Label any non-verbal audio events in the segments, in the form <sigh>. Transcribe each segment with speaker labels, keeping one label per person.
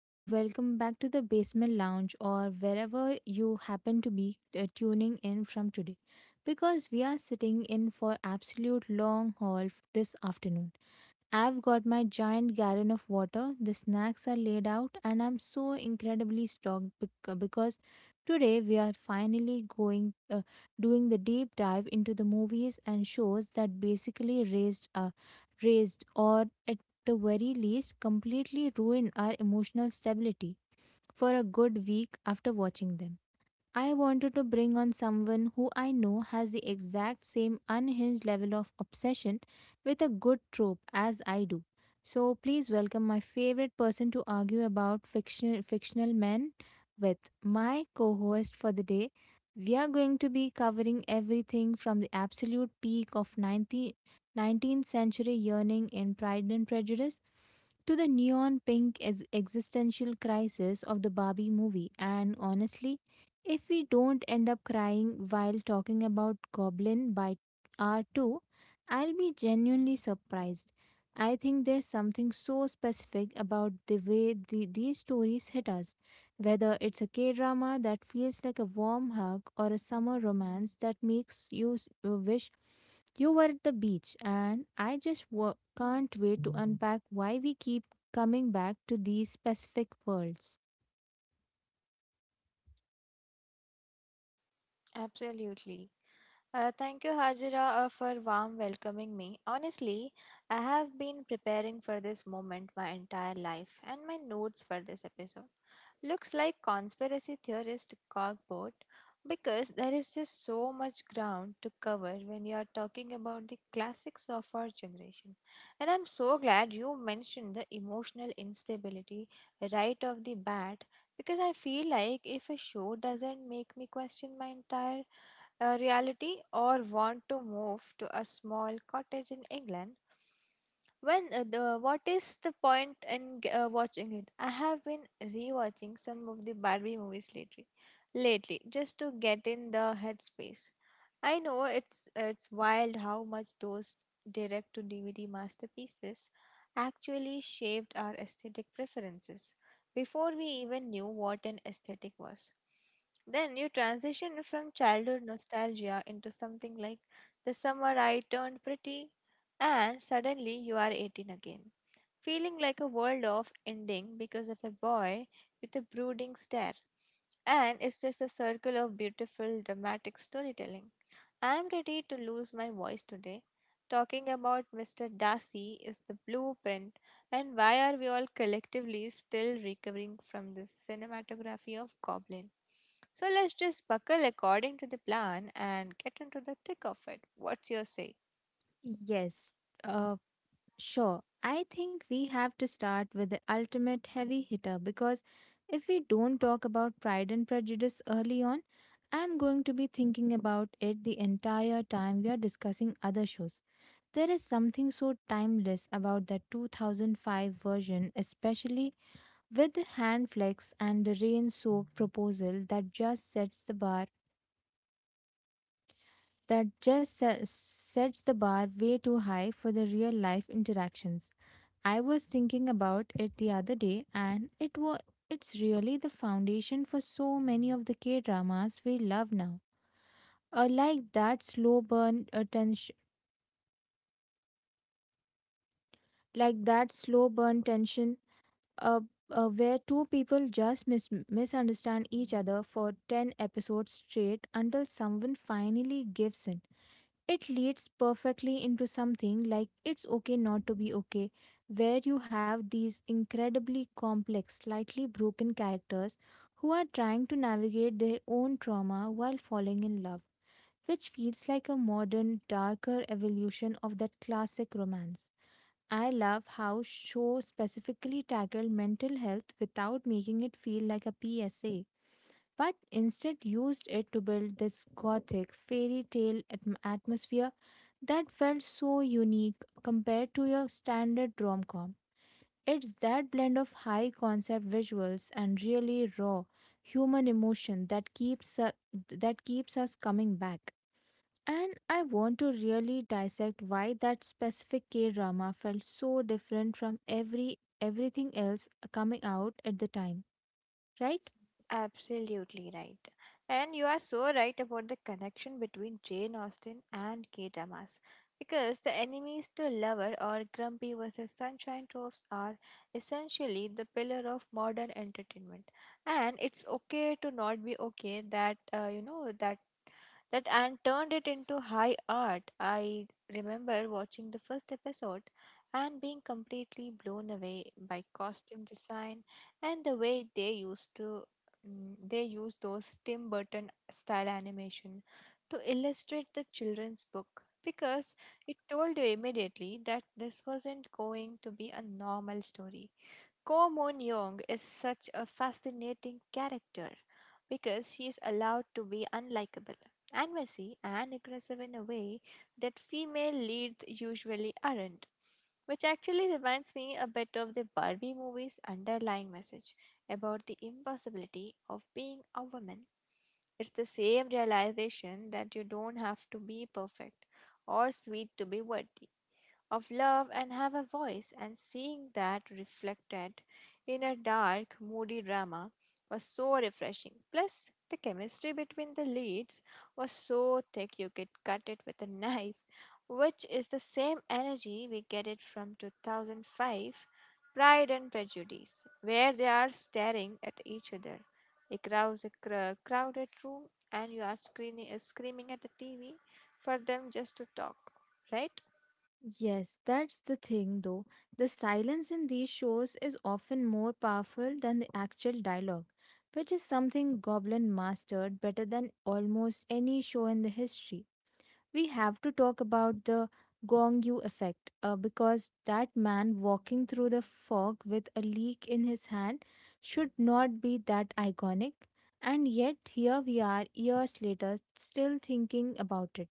Speaker 1: and welcome back to the basement lounge or wherever you happen to be tuning in from today, because we are sitting in for absolute long haul this afternoon. I've got my giant gallon of water, the snacks are laid out, and I'm so incredibly stoked because today we are finally going doing the deep dive into the movies and shows that basically raised raised or at the very least completely ruined our emotional stability for a good week after watching them. I wanted to bring on someone who I know has the exact same unhinged level of obsession with a good trope as I do. So please welcome my favorite person to argue about fictional men with, my co-host for the day. We are going to be covering everything from the absolute peak of 19th century yearning in Pride and Prejudice to the neon pink existential crisis of the Barbie movie. And honestly, if we don't end up crying while talking about Goblin by R2, I'll be genuinely surprised. I think there's something so specific about the way these stories hit us, whether it's a K drama that feels like a warm hug or a summer romance that makes you wish you were at the beach, and I just can't wait to unpack why we keep coming back to these specific worlds.
Speaker 2: Absolutely. Thank you, Hajira, for warm welcoming me. Honestly, I have been preparing for this moment my entire life, and my notes for this episode looks like conspiracy theorist cogboard because there is just so much ground to cover when you are talking about the classics of our generation. And I'm so glad you mentioned the emotional instability right off the bat because I feel like if a show doesn't make me question my entire reality or want to move to a small cottage in England, when the what is the point in watching it? I have been rewatching some of the Barbie movies lately just to get in the headspace. I know it's wild how much those direct to DVD masterpieces actually shaped our aesthetic preferences before we even knew what an aesthetic was. Then you transition from childhood nostalgia into something like the summer I turned pretty, and suddenly you are 18 again, feeling like a world of ending because of a boy with a brooding stare. And it's just a circle of beautiful, dramatic storytelling. I'm ready to lose my voice today. Talking about Mr. Darcy is the blueprint, and why are we all collectively still recovering from the cinematography of Goblin? So let's just buckle according to the plan and get into the thick of it. What's your say?
Speaker 1: Yes, uh, sure. I think we have to start with the ultimate heavy hitter, because if we don't talk about Pride and Prejudice early on, I'm going to be thinking about it the entire time we are discussing other shows. There is something so timeless about the 2005 version, especially with the hand flex and the rain soaked proposal that just sets the bar, that sets the bar way too high for the real life interactions. I was thinking about it the other day, and it was it's really the foundation for so many of the K dramas we love now. Uh, like that slow burn attention like that slow burn tension, uh, where two people just misunderstand each other for 10 episodes straight until someone finally gives in. It leads perfectly into something like It's Okay Not to Be Okay, where you have these incredibly complex, slightly broken characters who are trying to navigate their own trauma while falling in love, which feels like a modern, darker evolution of that classic romance. I love how show specifically tackled mental health without making it feel like a PSA, but instead used it to build this gothic fairy tale atmosphere that felt so unique compared to your standard rom-com. It's that blend of high concept visuals and really raw human emotion that keeps that keeps us coming back. And I want to really dissect why that specific K drama felt so different from everything else coming out at the time, right?
Speaker 2: Absolutely right. And you are so right about the connection between Jane Austen and Kate dramas. Because the enemies to lover or grumpy versus sunshine tropes are essentially the pillar of modern entertainment. And it's okay to not be okay that, you know, that and turned it into high art. I remember watching the first episode and being completely blown away by costume design and the way they used to they used those Tim Burton style animation to illustrate the children's book because it told you immediately that this wasn't going to be a normal story. Ko Moon Young is such a fascinating character because she is allowed to be unlikable and messy and aggressive in a way that female leads usually aren't, which actually reminds me a bit of the Barbie movie's underlying message about the impossibility of being a woman. It's the same realization that you don't have to be perfect or sweet to be worthy of love and have a voice, and seeing that reflected in a dark, moody drama was so refreshing. Plus, the chemistry between the leads was so thick you could cut it with a <laughs> knife, which is the same energy we get it from 2005 Pride and Prejudice, where they are staring at each other across a crowded room and you are screaming at the TV for them just to talk, right?
Speaker 1: Yes, that's the thing though. The silence in these shows is often more powerful than the actual dialogue, which is something Goblin mastered better than almost any show in the history. We have to talk about the Gong Yu effect, because that man walking through the fog with a leak in his hand should not be that iconic. And yet, here we are years later still thinking about it.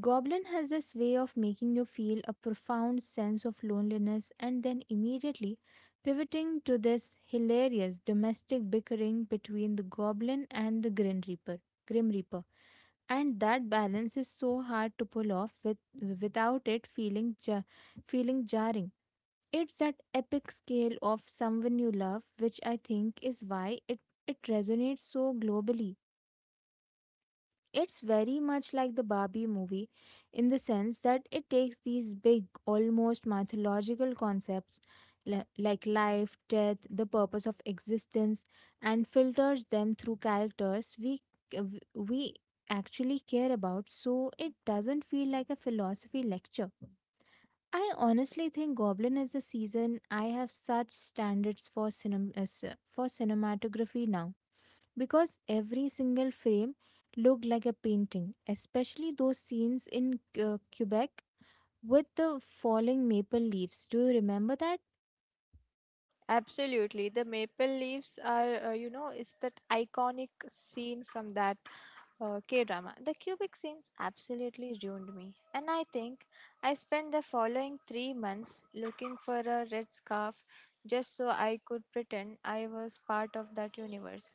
Speaker 1: Goblin has this way of making you feel a profound sense of loneliness, and then immediately pivoting to this hilarious domestic bickering between the goblin and the Grim Reaper. Grim Reaper, and that balance is so hard to pull off without it feeling jarring. It's that epic scale of someone you love, which I think is why it it resonates so globally. It's very much like the Barbie movie, in the sense that it takes these big, almost mythological concepts, like life, death, the purpose of existence, and filters them through characters we actually care about, so it doesn't feel like a philosophy lecture. I honestly think Goblin is the season I have such standards for, for cinematography now, because every single frame looked like a painting, especially those scenes in Quebec with the falling maple leaves. Do you remember that?
Speaker 2: Absolutely. The maple leaves are, you know, is that iconic scene from that K drama. The cubic scenes absolutely ruined me. And I think I spent the following 3 months looking for a red scarf just so I could pretend I was part of that universe.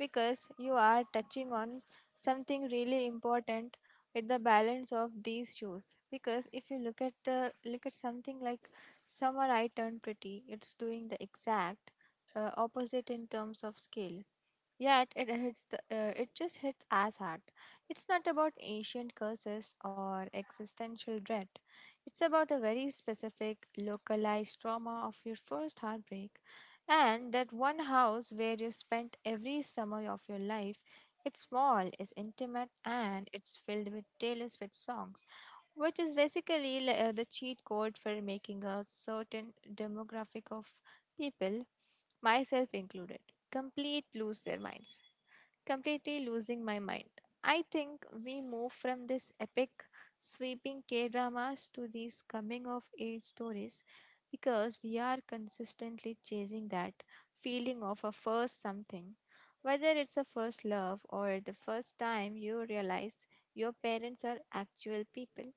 Speaker 2: Because you are touching on something really important with the balance of these shoes. Because if you look at something like Summer I turned pretty. It's doing the exact opposite in terms of scale. Yet it hits it just hits as hard. It's not about ancient curses or existential dread. It's about the very specific localized trauma of your first heartbreak and that one house where you spent every summer of your life. It's small, it's intimate, and it's filled with Taylor Swift songs which is basically the cheat code for making a certain demographic of people, myself included, complete lose their minds completely losing my mind. I think we move from this epic, sweeping K dramas to these coming of age stories because we are consistently chasing that feeling of a first something. Whether it's a first love or the first time you realize your parents are actual people.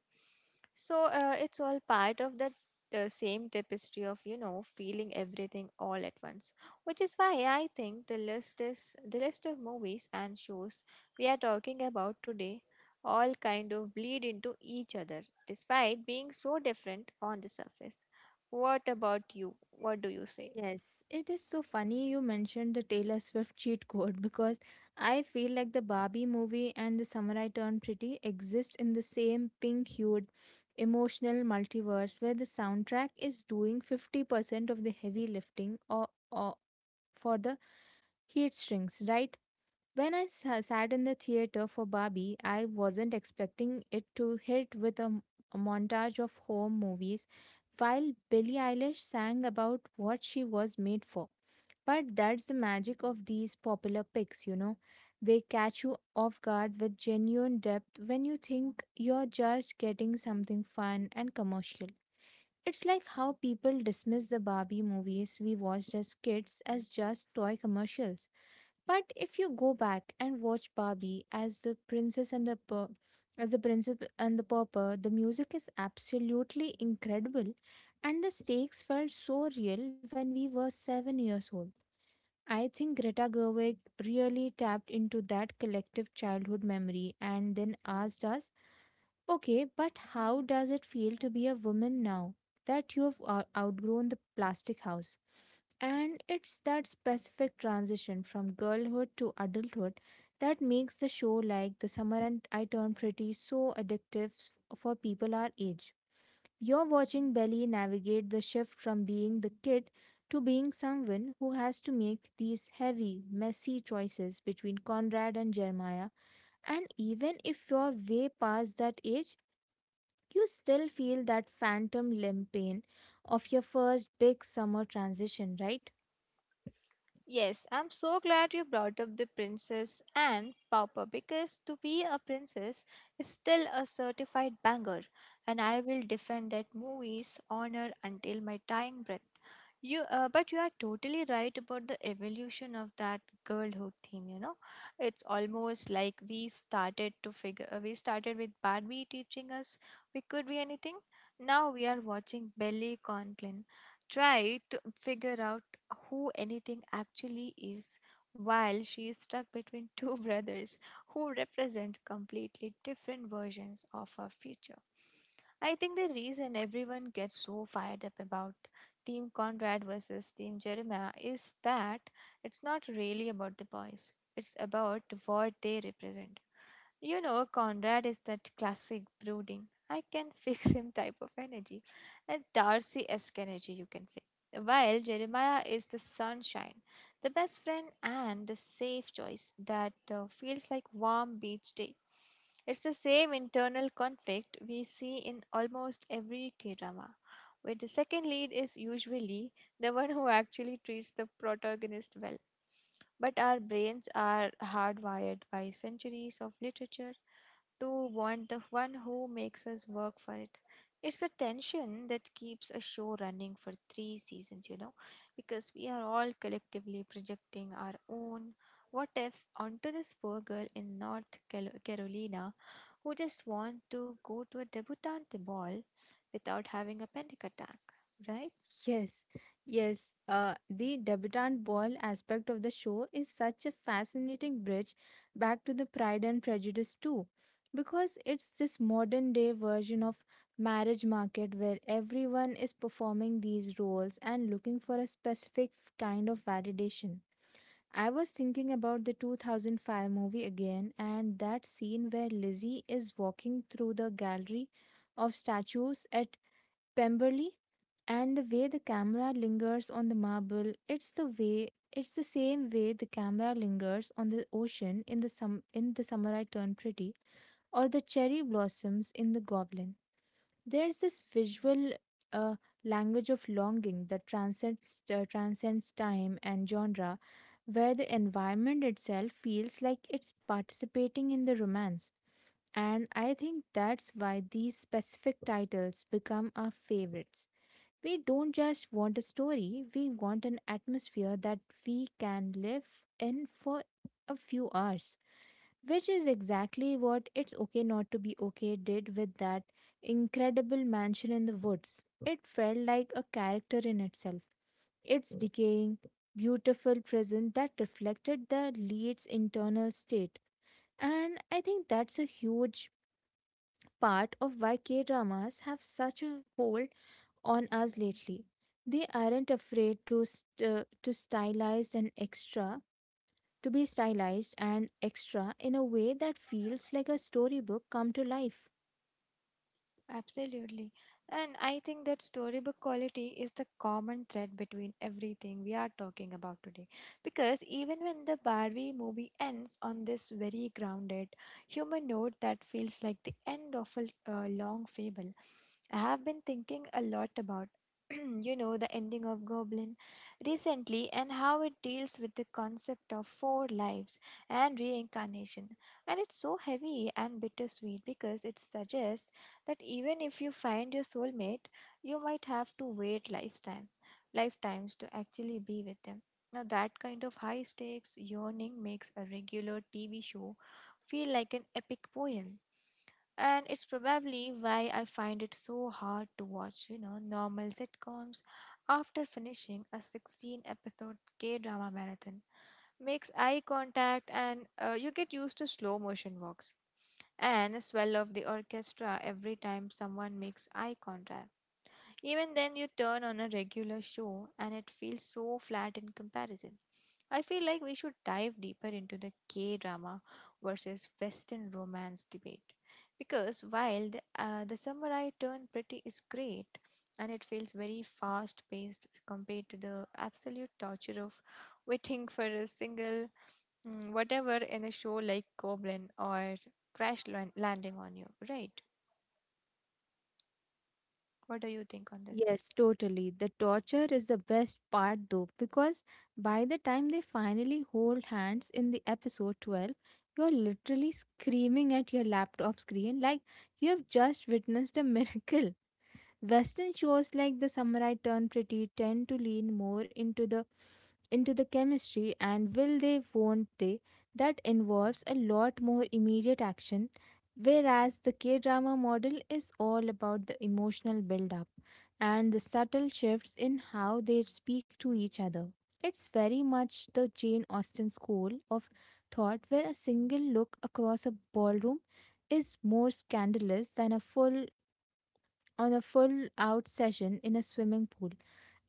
Speaker 2: So it's all part of that same tapestry of, you know, feeling everything all at once. Which is why I think the list of movies and shows we are talking about today all kind of bleed into each other despite being so different on the surface. What about you? What do you say?
Speaker 1: Yes, it is so funny you mentioned the Taylor Swift cheat code <laughs> because I feel like the Barbie movie and the Samurai Turned Pretty exist in the same pink hued emotional multiverse, where the soundtrack is doing 50% of the heavy lifting, or for the heat strings, right? When I sat in the theater for Barbie, I wasn't expecting it to hit with a, a montage of home movies while Billie Eilish sang about what she was made for. But that's the magic of these popular picks, you know. They catch you off guard with genuine depth when you think you're just getting something fun and commercial. It's like how people dismiss the Barbie movies we watched as kids as just toy commercials, but if you go back and watch Barbie as the princess and the pur- as the princess and the pauper, the music is absolutely incredible, and the stakes felt so real when we were 7 years old. I think Greta Gerwig really tapped into that collective childhood memory, and then asked us, okay, but how does it feel to be a woman now that you have outgrown the plastic house? And it's that specific transition from girlhood to adulthood that makes the show like The Summer and I Turned Pretty so addictive for people our age. You're watching Belly navigate the shift from being the kid to being someone who has to make these heavy, messy choices between Conrad and Jeremiah. And even if you're way past that age, you still feel that phantom limb pain of your first big summer transition, right?
Speaker 2: Yes, I'm so glad you brought up the Princess and Pauper because to be a princess is still a certified banger, and I will defend that movie's honor until my dying breath. But you are totally right about the evolution of that girlhood theme. You know, it's almost like we started to figure. We started with Barbie teaching us we could be anything. Now we are watching Billy Conklin try to figure out who anything actually is while she is stuck between two <laughs> brothers who represent completely different versions of her future. I think the reason everyone gets so fired up about Team Conrad versus Team Jeremiah is that it's not really about the boys, it's about what they represent. You know, Conrad is that classic brooding, I can <laughs> fix him type of energy, and Darcy esque energy, you can say. While Jeremiah is the sunshine, the best friend, and the safe choice that feels like warm beach day. It's the same internal conflict we see in almost every K drama, where the second lead is usually the one who actually treats the protagonist well. But our brains are hardwired by centuries of literature to want the one who makes us work for it. It's a tension that keeps a show running for three seasons, you know, because we are all collectively projecting our own what ifs onto this poor girl in North Carolina who just wants to go to a debutante ball without having a panic attack, right?
Speaker 1: Yes, yes. The debutante ball aspect of the show is such a fascinating bridge back to the Pride and Prejudice too, because it's this modern day version of marriage market, where everyone is performing these roles and looking for a specific kind of validation. I was thinking about the 2005 movie again, and that scene where Lizzie is walking through the gallery of statues at Pemberley, and the way the camera lingers on the marble, it's the same way the camera lingers on the ocean in the sum in the samurai turn pretty, or the cherry blossoms in the goblin. There's this visual uh, language of longing that transcends transcends time and genre, where the environment itself feels like it's participating in the romance. And I think that's why these specific titles become our favorites. We don't just want a story, we want an atmosphere that we can live in for a few hours, which is exactly what It's Okay Not to Be Okay did with that incredible mansion in the woods. It felt like a character in itself. Its decaying, beautiful present that reflected the lead's internal state. And I think that's a huge part of why K dramas have such a hold on us lately. They aren't afraid to to stylize and extra to be stylized and extra in a way that feels like a storybook come to life.
Speaker 2: Absolutely. And I think that storybook quality is the common thread between everything we are talking about today. Because even when the Barbie movie ends on this very grounded human note that feels like the end of a long fable, I have been thinking a lot about, <clears throat> you know, the ending of Goblin recently and how it deals with the concept of four lives and reincarnation. And it's so heavy and bittersweet because it suggests that even if you find your soulmate, you might have to wait lifetimes to actually be with them. Now, that kind of high stakes yearning makes a regular TV show feel like an epic poem. And it's probably why I find it so hard to watch, you know, normal sitcoms after finishing a 16 episode K drama marathon. Makes eye contact and You get used to slow motion walks and a swell of the orchestra every time someone makes eye contact. Even then, you turn on a regular show and it feels so flat in comparison. I feel like we should dive deeper into the K drama versus Western romance debate. Because while the samurai turn pretty is great and it feels very fast paced compared to the absolute torture of waiting for a single whatever in a show like Goblin or Crash Landing on You, right? What do you think on this?
Speaker 1: Yes, totally. The torture is the best part though, because by the time they finally hold hands in the episode 12, you're literally screaming at your laptop screen like you have just witnessed a <laughs> miracle. Western shows like The Samurai Turn Pretty tend to lean more into the chemistry and will they won't they, that involves a lot more immediate action, whereas the K drama model is all about the emotional build up and the subtle shifts in how they speak to each other. It's very much the Jane Austen school of thought, where a single look across a ballroom is more scandalous than a full out session in a swimming pool.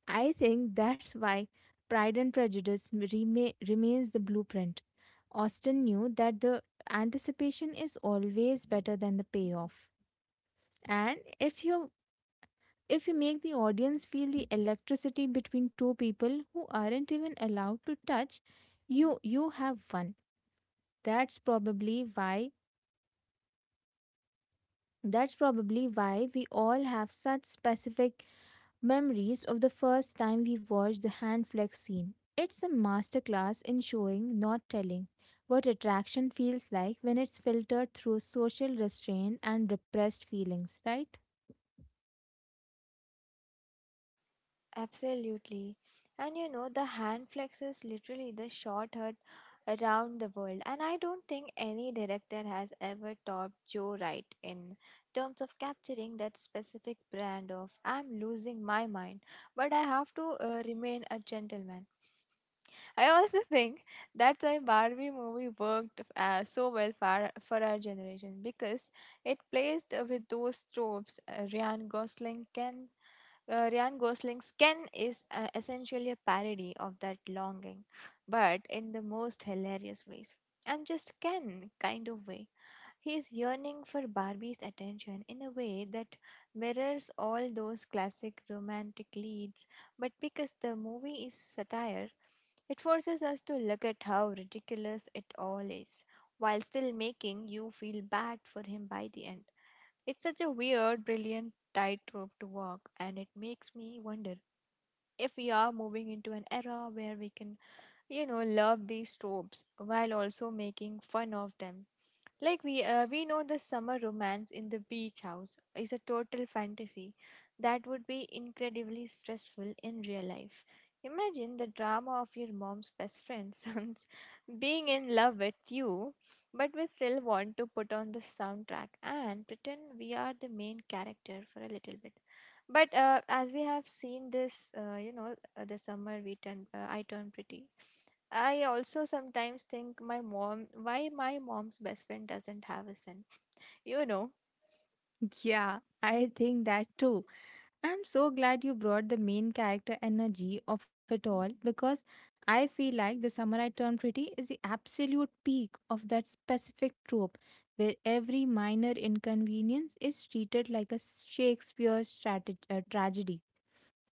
Speaker 1: I think that's why Pride and Prejudice remains the blueprint. Austen knew that the anticipation is always better than the payoff. And if you make the audience feel the electricity between two people who aren't even allowed to touch, you have won. That's probably why That's probably why we all have such specific memories of the first time we watched the hand flex scene. It's a masterclass in showing, not telling, what attraction feels like when it's filtered through social restraint and repressed feelings, right?
Speaker 2: Absolutely. And you know, the hand flex is literally the short hut around the world. And I don't think any director has ever topped Joe Wright in terms of capturing that specific brand of I'm losing my mind, but I have to remain a gentleman. I also think that's why Barbie movie worked so well for our generation because it plays with those tropes. Ryan Gosling's Ken is essentially a parody of that longing, but in the most hilarious ways. I'm just Ken kind of way. He's yearning for Barbie's attention in a way that mirrors all those classic romantic leads, but because the movie is satire, it forces us to look at how ridiculous it all is, while still making you feel bad for him by the end. It's such a weird, brilliant tightrope to walk, and it makes me wonder if we are moving into an era where we can, you know, love these tropes while also making fun of them like we know the summer romance in the beach house is a total fantasy that would be incredibly stressful in real life. Imagine the drama of your mom's best friend's <laughs> sons being in love with you, but we still want to put on the soundtrack and pretend we are the main character for a little bit. But as we have seen this, you know, the summer we turn, I turn pretty. I also sometimes think my mom, why my mom's best friend doesn't have a son. You know,
Speaker 1: Yeah, I think that too. I'm so glad you brought the main character energy of it all, because I feel like the samurai turned pretty is the absolute peak of that specific trope, where every minor inconvenience is treated like a Shakespeare tragedy.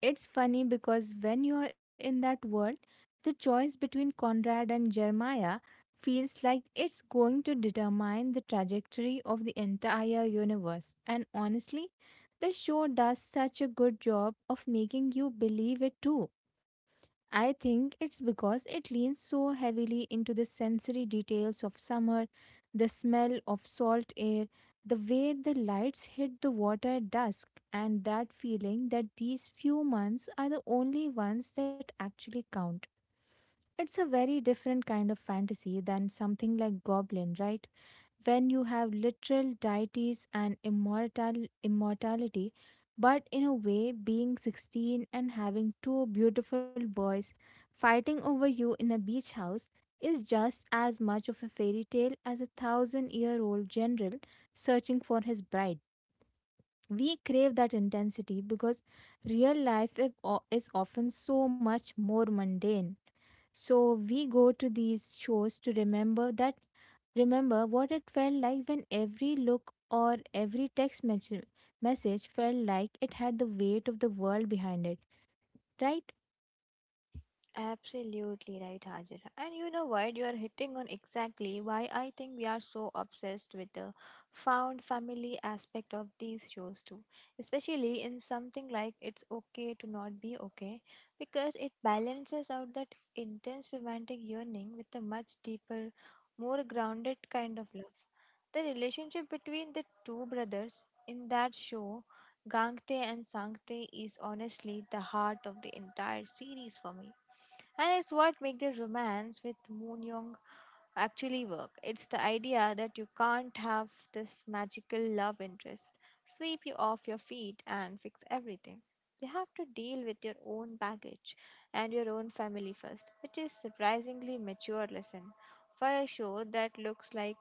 Speaker 1: It's funny because when you're in that world, the choice between Conrad and Jeremiah feels like it's going to determine the trajectory of the entire universe. And honestly, the show does such a good job of making you believe it too. I think it's because it leans so heavily into the sensory details of summer, the smell of salt air, the way the lights hit the water at dusk, and that feeling that these few months are the only ones that actually count. It's a very different kind of fantasy than something like Goblin, right? When you have literal deities and immortality, but in a way, being 16 and having two beautiful boys fighting over you in a beach house is just as much of a fairy tale as a thousand year old general searching for his bride. We crave that intensity because real life is often so much more mundane, so we go to these shows to remember that, remember what it felt like when every look or every text message felt like it had the weight of the world behind it, right?
Speaker 2: absolutely right, Hajira. And you know what? You are hitting on exactly why I think we are so obsessed with the found family aspect of these shows too. Especially in something like It's Okay to Not Be Okay, because it balances out that intense romantic yearning with a much deeper, more grounded kind of love. The relationship between the two brothers in that show, Gangte and Sangte, is honestly the heart of the entire series for me, and it's what makes the romance with Moon Young actually work. It's the idea that you can't have this magical love interest sweep you off your feet and fix everything. You have to deal with your own baggage and your own family first, which is surprisingly mature lesson for a show that looks like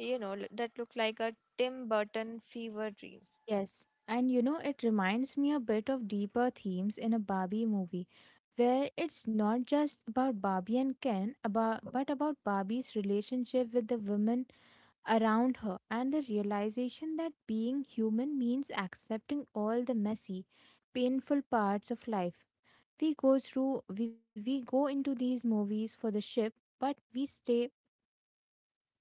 Speaker 2: that look like a Tim Burton fever dream.
Speaker 1: Yes. And you know, it reminds me a bit of deeper themes in a Barbie movie, where it's not just about Barbie and Ken, about but about Barbie's relationship with the women around her, and the realization that being human means accepting all the messy, painful parts of life. We go into these movies for the ship, but we stay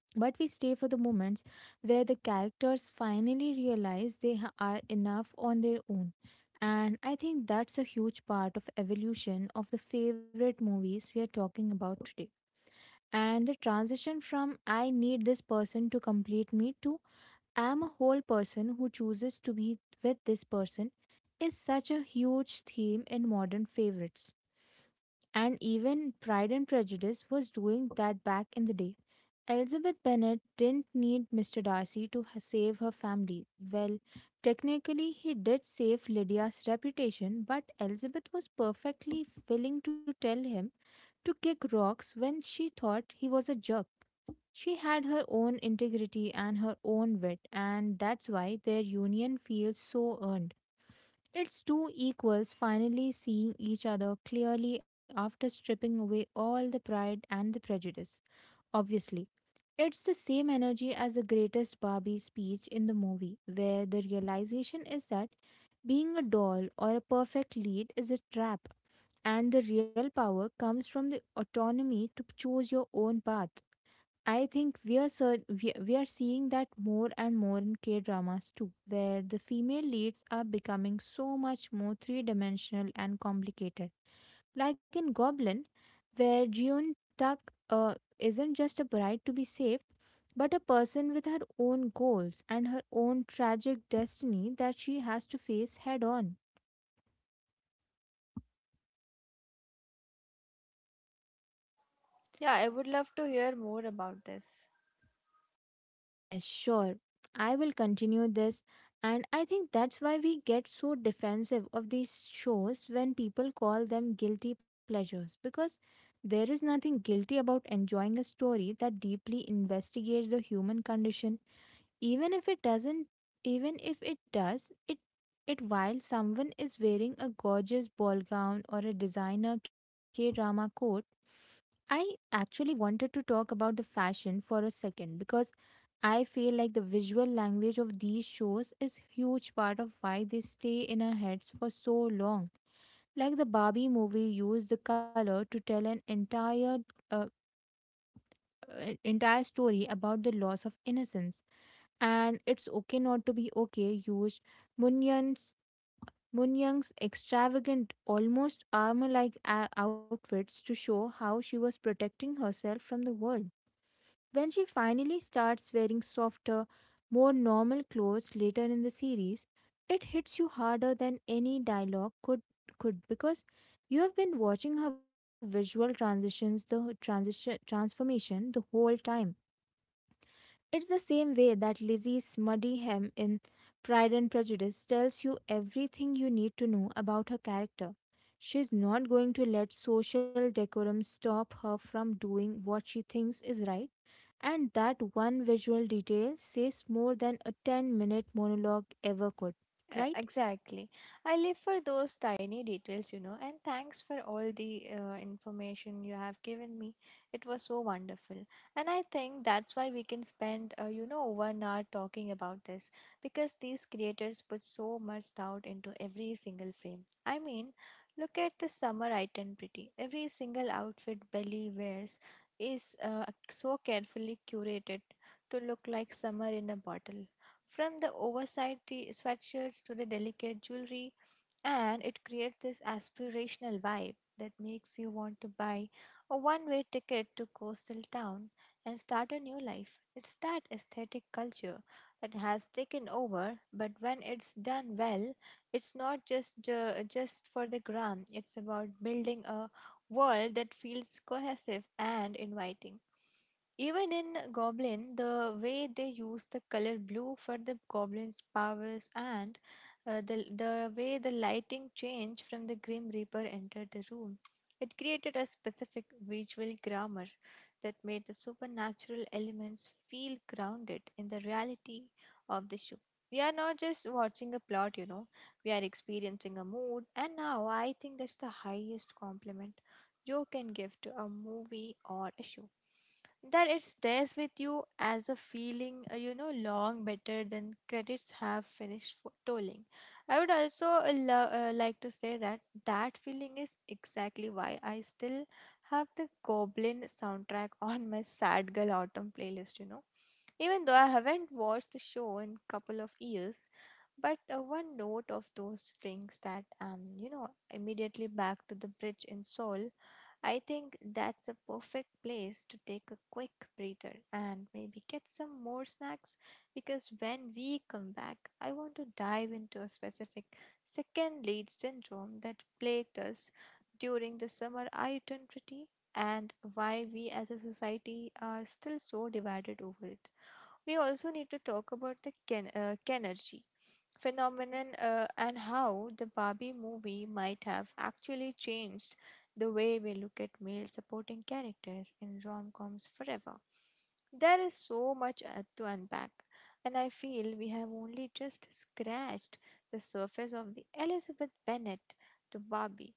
Speaker 1: but we stay for the moments where the characters finally realize are enough on their own. And I think that's a huge part of evolution of the favorite movies we are talking about today. And the transition from I need this person to complete me to am a whole person who chooses to be with this person is such a huge theme in modern favorites. And even Pride and Prejudice was doing that back in the day. Elizabeth Bennet didn't need Mr. Darcy to save her family. Well, technically, he did save Lydia's reputation, but Elizabeth was perfectly willing to tell him to kick rocks when she thought he was a jerk. She had her own integrity and her own wit, and that's why their union feels so earned. It's two equals finally seeing each other clearly after stripping away all the pride and the prejudice. Obviously, it's the same energy as the greatest Barbie speech in the movie, where the realization is that being a doll or a perfect lead is a trap, and the real power comes from the autonomy to choose your own path. I think we are sur- we are seeing that more and more in K dramas too, where the female leads are becoming so much more three dimensional and complicated. Like in Goblin, where Jeon Tak isn't just a bride to be saved, but a person with her own goals and her own tragic destiny that she has to face head on.
Speaker 2: Yeah, I would love to hear more about this.
Speaker 1: Yes, sure. I will continue this. And I think that's why we get so defensive of these shows when people call them guilty pleasures, because there is nothing guilty about enjoying a story that deeply investigates the human condition. Even if it doesn't, Even if it does, it while someone is wearing a gorgeous ball gown or a designer K drama coat. I actually wanted to talk about the fashion for a second, because I feel like the visual language of these shows is huge part of why they stay in our heads for so long. Like the Barbie movie used the color to tell an uh, entire story about the loss of innocence, and It's Okay Not to Be Okay used Munyang's Munyang's extravagant, almost armor like outfits to show how she was protecting herself from the world. When she finally starts wearing softer, more normal clothes later in the series, it hits you harder than any dialogue could because you have been watching her visual transitions, the transition transformation the whole time. It's the same way that Lizzie Smuddyhem in Pride and Prejudice tells you everything you need to know about her character. She's not going to let social decorum stop her from doing what she thinks is right, and that one visual detail says more than a 10-minute monologue ever could,
Speaker 2: Uh,
Speaker 1: right?
Speaker 2: exactly. I live for those tiny details, you know, and thanks for all the information you have given me. It was so wonderful. And I think that's why we can spend, 1 hour talking about this, because these creators put so much thought into every single frame. I mean, look at the summer item pretty. Every single outfit Belly wears is so carefully curated to look like summer in a bottle, from the oversized sweatshirts to the delicate jewelry, and it creates this aspirational vibe that makes you want to buy a one way ticket to coastal town and start a new life. It's that aesthetic culture that has taken over, but when it's done well, it's not just for the gram, it's about building a world that feels cohesive and inviting. Even in Goblin, the way they use the color blue for the goblin's powers, and the way the lighting changed from the Grim Reaper entered the room, it created a specific visual grammar that made the supernatural elements feel grounded in the reality of the show. We are not just watching a plot, you know, we are experiencing a mood, and now I think that's the highest compliment you can give to a movie or a show, that it stays with you as a feeling, you know, long better than credits have finished for tolling. I would also like to say that that feeling is exactly why I still have the Goblin soundtrack <laughs> on my Sad Girl Autumn playlist, you know. Even though I haven't watched the show in couple of years, but one note of those strings that you know immediately back to the bridge in Seoul. I think that's a perfect place to take a quick breather and maybe get some more snacks, because when we come back, I want to dive into a specific second lead syndrome that plagued us during the summer identity and why we as a society are still so divided over it. We also need to talk about the Kenergy phenomenon, and how the Barbie movie might have actually changed the way we look at male supporting characters in rom coms forever. There is so much to unpack, and I feel we have only just scratched the surface of the Elizabeth Bennet to Barbie,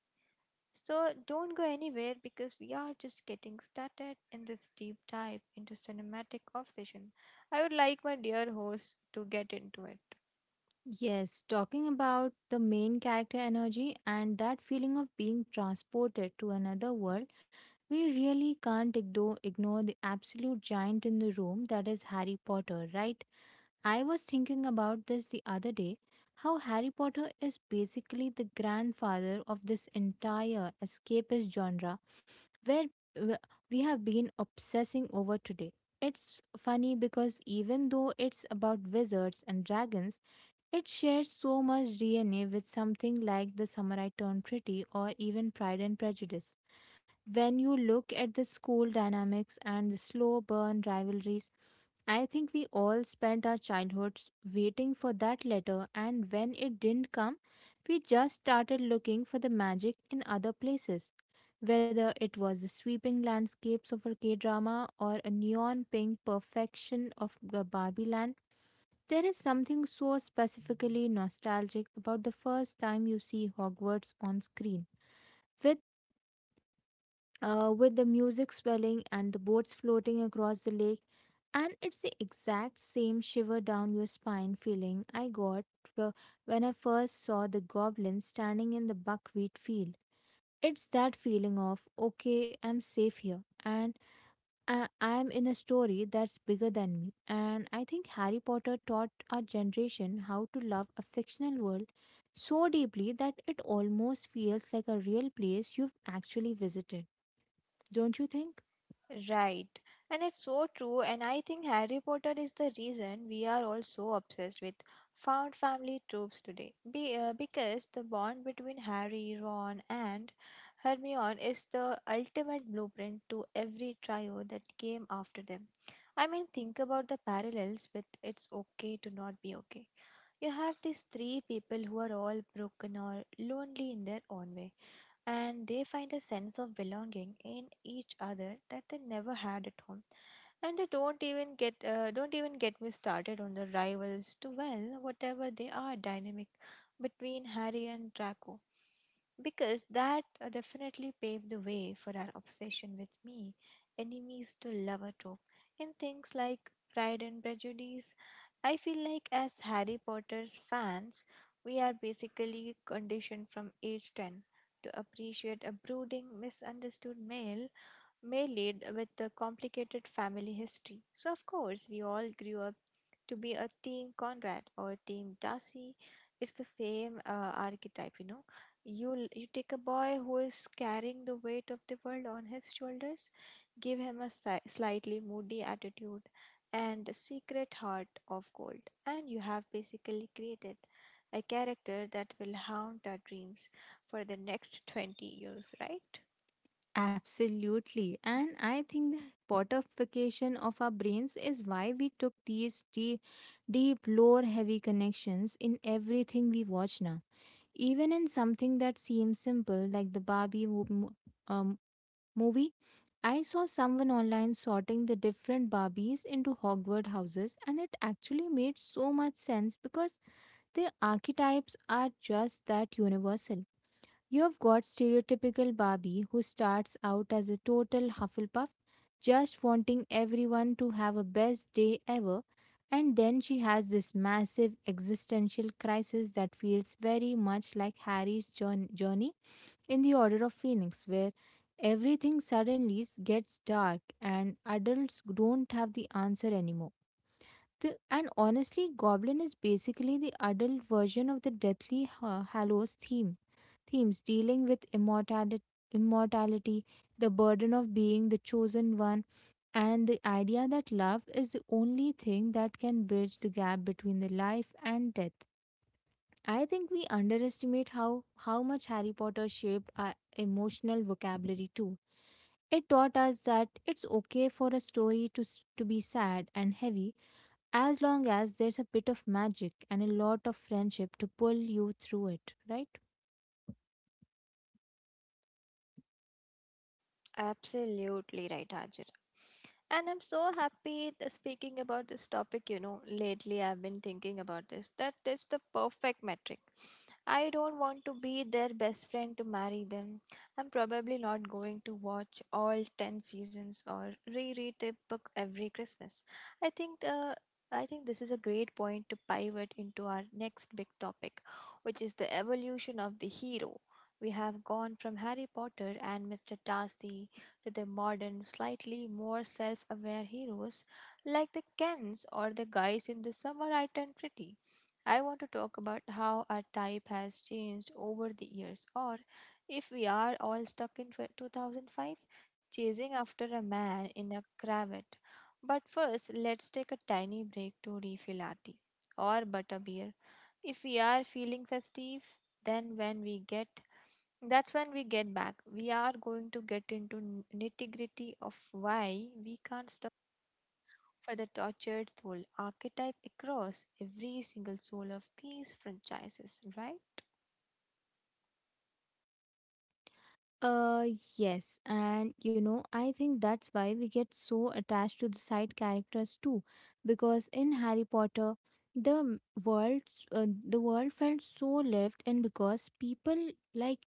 Speaker 2: so don't go anywhere because we are just getting started in this deep dive into cinematic obsession. I would like my dear host to get into it.
Speaker 1: Yes, talking about the main character energy and that feeling of being transported to another world, we really can't ignore the absolute giant in the room that is Harry Potter, right? I was thinking about this the other day, how Harry Potter is basically the grandfather of this entire escapist genre where w- we have been obsessing over today. It's funny because, even though it's about wizards and dragons, it shares so much DNA with something like The Samurai Turned Pretty or even Pride and Prejudice when you look at the school dynamics and the slow burn rivalries. I think we all spent our childhoods waiting for that letter, and when it didn't come, we just started looking for the magic in other places. Whether it was the sweeping landscapes of a K drama or a neon pink perfection of Barbie Land, there is something so specifically nostalgic about the first time you see Hogwarts on screen, With with the music swelling and the boats floating across the lake. And it's the exact same shiver down your spine feeling I got wh- when I first saw the goblin standing in the buckwheat field. It's that feeling of, okay, I'm safe here, and I'm in a story that's bigger than me. And I think Harry Potter taught our generation how to love a fictional world so deeply that it almost feels like a real place you've actually visited. Don't you think?
Speaker 2: Right. And it's so true. And I think Harry Potter is the reason we are all so obsessed with found family tropes today. Because the bond between Harry, Ron, and Hermione is the ultimate blueprint to every trio that came after them. I mean, think about the parallels with It's Okay to Not Be Okay. You have these three people who are all broken or lonely in their own way, and they find a sense of belonging in each other that they never had at home. And they don't even get me started on the rivals to, well, whatever they are dynamic between Harry and Draco, because that definitely paved the way for our obsession with me enemies to lover trope in things like Pride and Prejudice. I feel like as Harry Potter's fans, we are basically conditioned from age 10 to appreciate a brooding, misunderstood male lead with a complicated family history. So, of course, we all grew up to be a team Conrad or a team Darcy. It's the same archetype, you know. You take a boy who is carrying the weight of the world on his shoulders, give him a slightly moody attitude and a secret heart of gold, and you have basically created a character that will haunt our dreams for the next 20 years, right?
Speaker 1: Absolutely. And I think the potification of our brains is why we took these deep, deep lore heavy connections in everything we watch now. Even in something that seems simple, like the Barbie um, movie, I saw someone online sorting the different Barbies into Hogwarts houses, and it actually made so much sense because the archetypes are just that universal. You have got stereotypical Barbie, who starts out as a total Hufflepuff, just wanting everyone to have a best day ever, and then she has this massive existential crisis that feels very much like Harry's journey in the Order of Phoenix, where everything suddenly gets dark and adults don't have the answer anymore. The, and honestly, Goblin is basically the adult version of the Deathly Hallows themes, dealing with immortality, the burden of being the chosen one, and the idea that love is the only thing that can bridge the gap between the life and death. I think we underestimate how much Harry Potter shaped our emotional vocabulary too. It taught us that it's okay for a story to be sad and heavy, as long as there's a bit of magic and a lot of friendship to pull you through it, right?
Speaker 2: Absolutely right, Hajira. And I'm so happy speaking about this topic. You know, lately I've been thinking about this that is the perfect metric. I don't want to be their best friend to marry them. I'm probably not going to watch all 10 seasons or reread the book every Christmas. I think the I think this is a great point to pivot into our next big topic, which is the evolution of the hero. We have gone from Harry Potter and Mr. Darcy to the modern, slightly more self aware heroes like the Kens or the guys in the summer I turned pretty. I want to talk about how our type has changed over the years, or if we are all stuck in 2005 chasing after a man in a cravat. But first, let's take a tiny break to refill our tea or butterbeer. If we are feeling festive, then when we get that's when we get back. We are going to get into nitty gritty of why we can't stop for the tortured soul archetype across every single soul of these franchises, right?
Speaker 1: Uh, yes, and you know, I think that's why we get so attached to the side characters too, because in Harry Potter, the world felt so lived in, because people like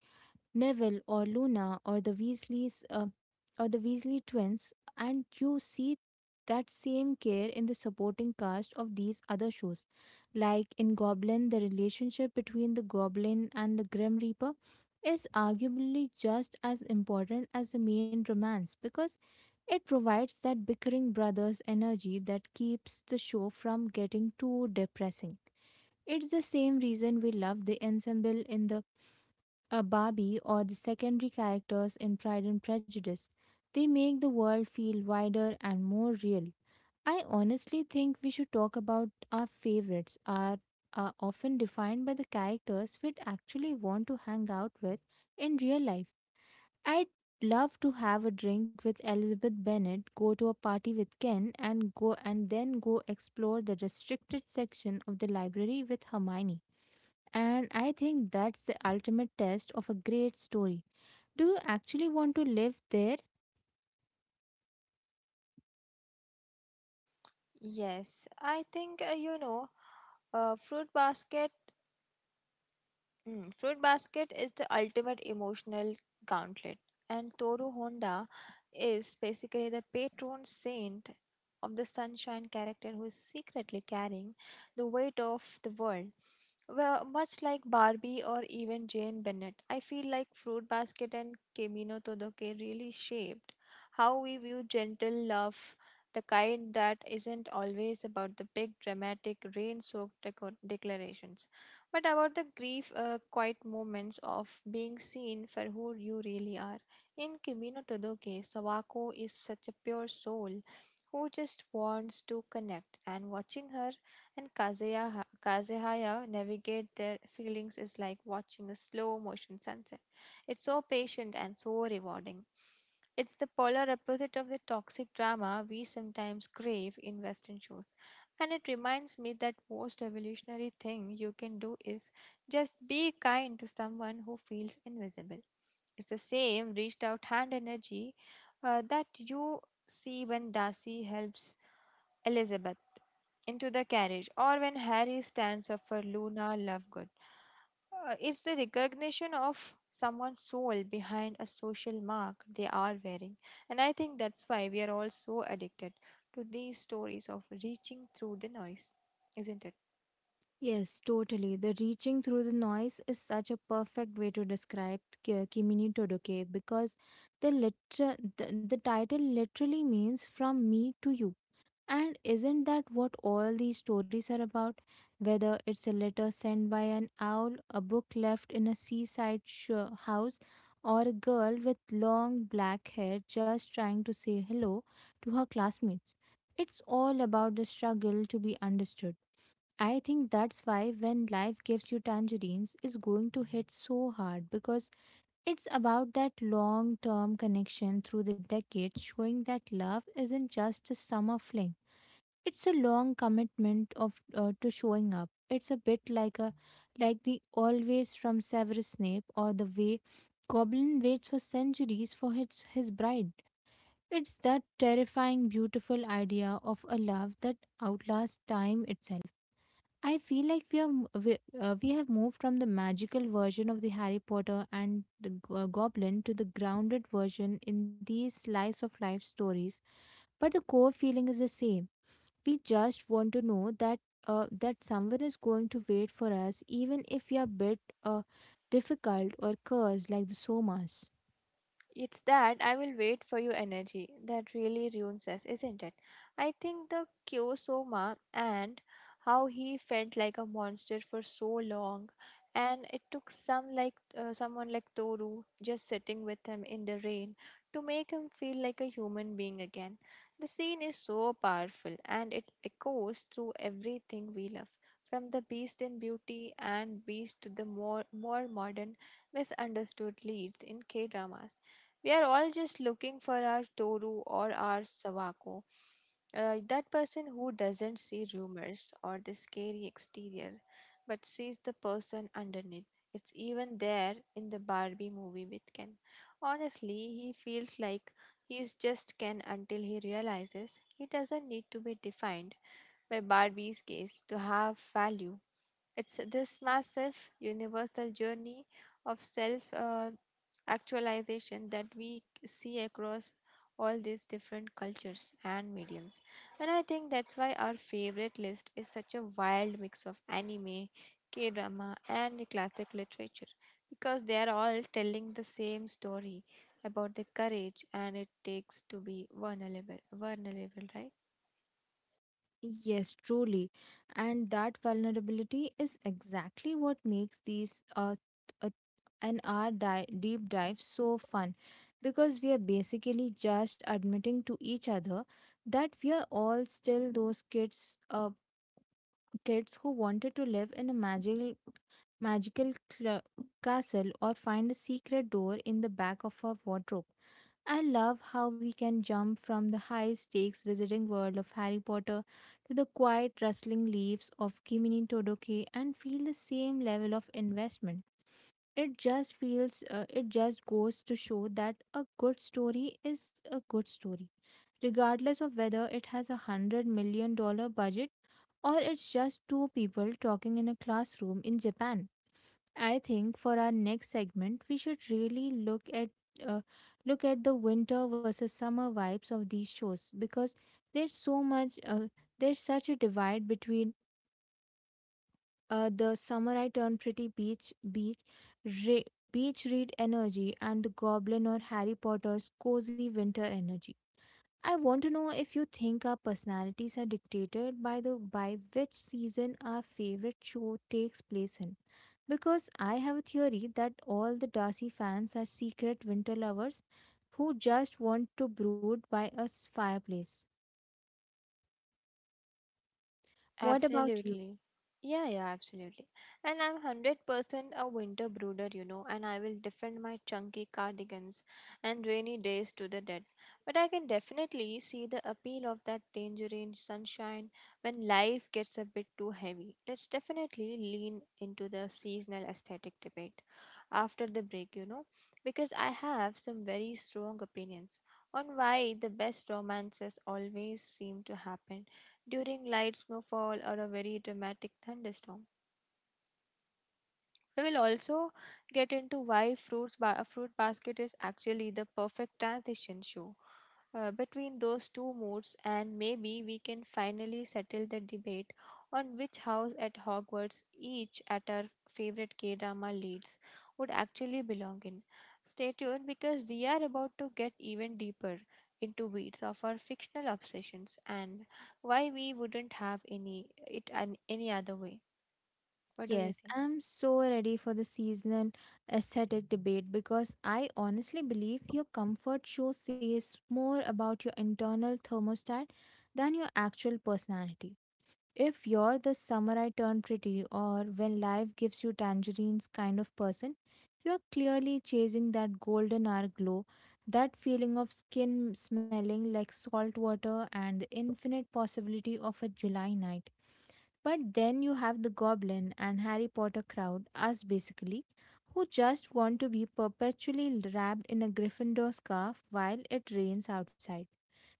Speaker 1: Neville or Luna or the Weasley twins, and you see that same care in the supporting cast of these other shows. Like in Goblin, the relationship between the Goblin and the Grim Reaper is arguably just as important as the main romance, because it provides that bickering brothers energy that keeps the show from getting too depressing. It's the same reason we love the ensemble in the a Barbie or the secondary characters in Pride and Prejudice. They make the world feel wider and more real. I honestly think we should talk about our favorites are often defined by the characters we'd actually want to hang out with in real life. I'd love to have a drink with Elizabeth Bennet, go to a party with Ken, and go and then go explore the restricted section of the library with Hermione. And I think that's the ultimate test of a great story. Do you actually want to live there?
Speaker 2: Yes, I think Fruit Basket. Mm, Fruit Basket is the ultimate emotional gauntlet, and Toru Honda is basically the patron saint of the sunshine character who is secretly carrying the weight of the world. Well, much like Barbie or even Jane Bennett, I feel like Fruit Basket and Camino Todo really shaped how we view gentle love, the kind that isn't always about the big dramatic rain soaked declarations but about the grief, quiet moments of being seen for who you really are. In Kimino Todoke, Sawako is such a pure soul who just wants to connect, and watching her and Kazuya, Kazuhaya navigate their feelings is like watching a slow motion sunset. It's so patient and so rewarding. It's the polar opposite of the toxic drama we sometimes crave in Western shows. And it reminds me that most evolutionary thing you can do is just be kind to someone who feels invisible. It's the same reached out hand energy that you see when Darcy helps Elizabeth into the carriage, or when Harry stands up for Luna Lovegood. It's the recognition of someone's soul behind a social mark they are wearing. And I think that's why we are all so addicted to these stories of reaching through the noise, isn't it?
Speaker 1: Yes, totally. The reaching through the noise is such a perfect way to describe Kimi no Todoke, because the title literally means from me to you. And isn't that what all these stories are about? Whether it's a letter sent by an owl, a book left in a seaside house, or a girl with long black hair just trying to say hello to her classmates. It's all about the struggle to be understood. I think that's why when life gives you tangerines is going to hit so hard because it's about that long term connection through the decades, showing that love isn't just a summer fling. It's a long commitment of to showing up. It's a bit like the always from Severus Snape, or the way Goblin waits for centuries for his bride. It's that terrifying, beautiful idea of a love that outlasts time itself. I feel like we are m- we have moved from the magical version of the Harry Potter and the goblin to the grounded version in these slice of life stories, but the core feeling is the same. We just want to know that that someone is going to wait for us, even if we are a bit uh, difficult or cursed like the Somas.
Speaker 2: It's that I will wait for your energy that really ruins us, isn't it? I think the Kyosoma and how he felt like a monster for so long, and it took someone like Toru just sitting with him in the rain to make him feel like a human being again. The scene is so powerful, and it echoes through everything we love. From the beast in beauty and beast to the more modern misunderstood leads in K dramas. We are all just looking for our Toru or our Sawako, that person who doesn't see rumors or the scary exterior, but sees the person underneath. It's even there in the Barbie movie with Ken. Honestly, he feels like he's just Ken until he realizes he doesn't need to be defined by Barbie's gaze to have value. It's this massive universal journey of self actualization that we see across all these different cultures and mediums. And I think that's why our favorite list is such a wild mix of anime, K drama, and classic literature, because they are all telling the same story about the courage and it takes to be vulnerable, right?
Speaker 1: Yes, truly. And that vulnerability is exactly what makes these uh, and our deep dive so fun, because we are basically just admitting to each other that we are all still those kids who wanted to live in a magical castle, or find a secret door in the back of our wardrobe. I love how we can jump from the high stakes visiting world of Harry Potter to the quiet rustling leaves of Kimi no Todoke and feel the same level of investment. It just goes to show that a good story is a good story, regardless of whether it has $100 million budget or it's just two people talking in a classroom in Japan. I think for our next segment, we should really uh, look at the winter versus summer vibes of these shows, because there's so much there's such a divide between the summer I turn pretty re- beach read energy and the Goblin or Harry Potter's cozy winter energy. I want to know if you think our personalities are dictated by the by which season our favorite show takes place in, because I have a theory that all the Darcy fans are secret winter lovers who just want to brood by a fireplace. What about you?
Speaker 2: Absolutely. Yeah, yeah, absolutely. And I'm 100% a winter brooder, you know, and I will defend my chunky cardigans and rainy days to the death. But I can definitely see the appeal of that tangerine sunshine when life gets a bit too heavy. Let's definitely lean into the seasonal aesthetic debate after the break, you know, because I have some very strong opinions on why the best romances always seem to happen during light snowfall or a very dramatic thunderstorm. We will also get into why a fruit basket is actually the perfect transition shoe, between those two moods, and maybe we can finally settle the debate on which house at Hogwarts each at our favorite K drama leads would actually belong in. Stay tuned because we are about to get even deeper into weeds of our fictional obsessions and why we wouldn't have any other way. What do you
Speaker 1: Yes,
Speaker 2: think?
Speaker 1: I'm so ready for the seasonal aesthetic debate, because I honestly believe your comfort show says more about your internal thermostat than your actual personality. If you're the summer I turn pretty or when life gives you tangerines kind of person, you're clearly chasing that golden hour glow, that feeling of skin smelling like salt water and the infinite possibility of a July night. But then you have the Goblin and Harry Potter crowd, us basically, who just want to be perpetually wrapped in a Gryffindor scarf while it rains outside.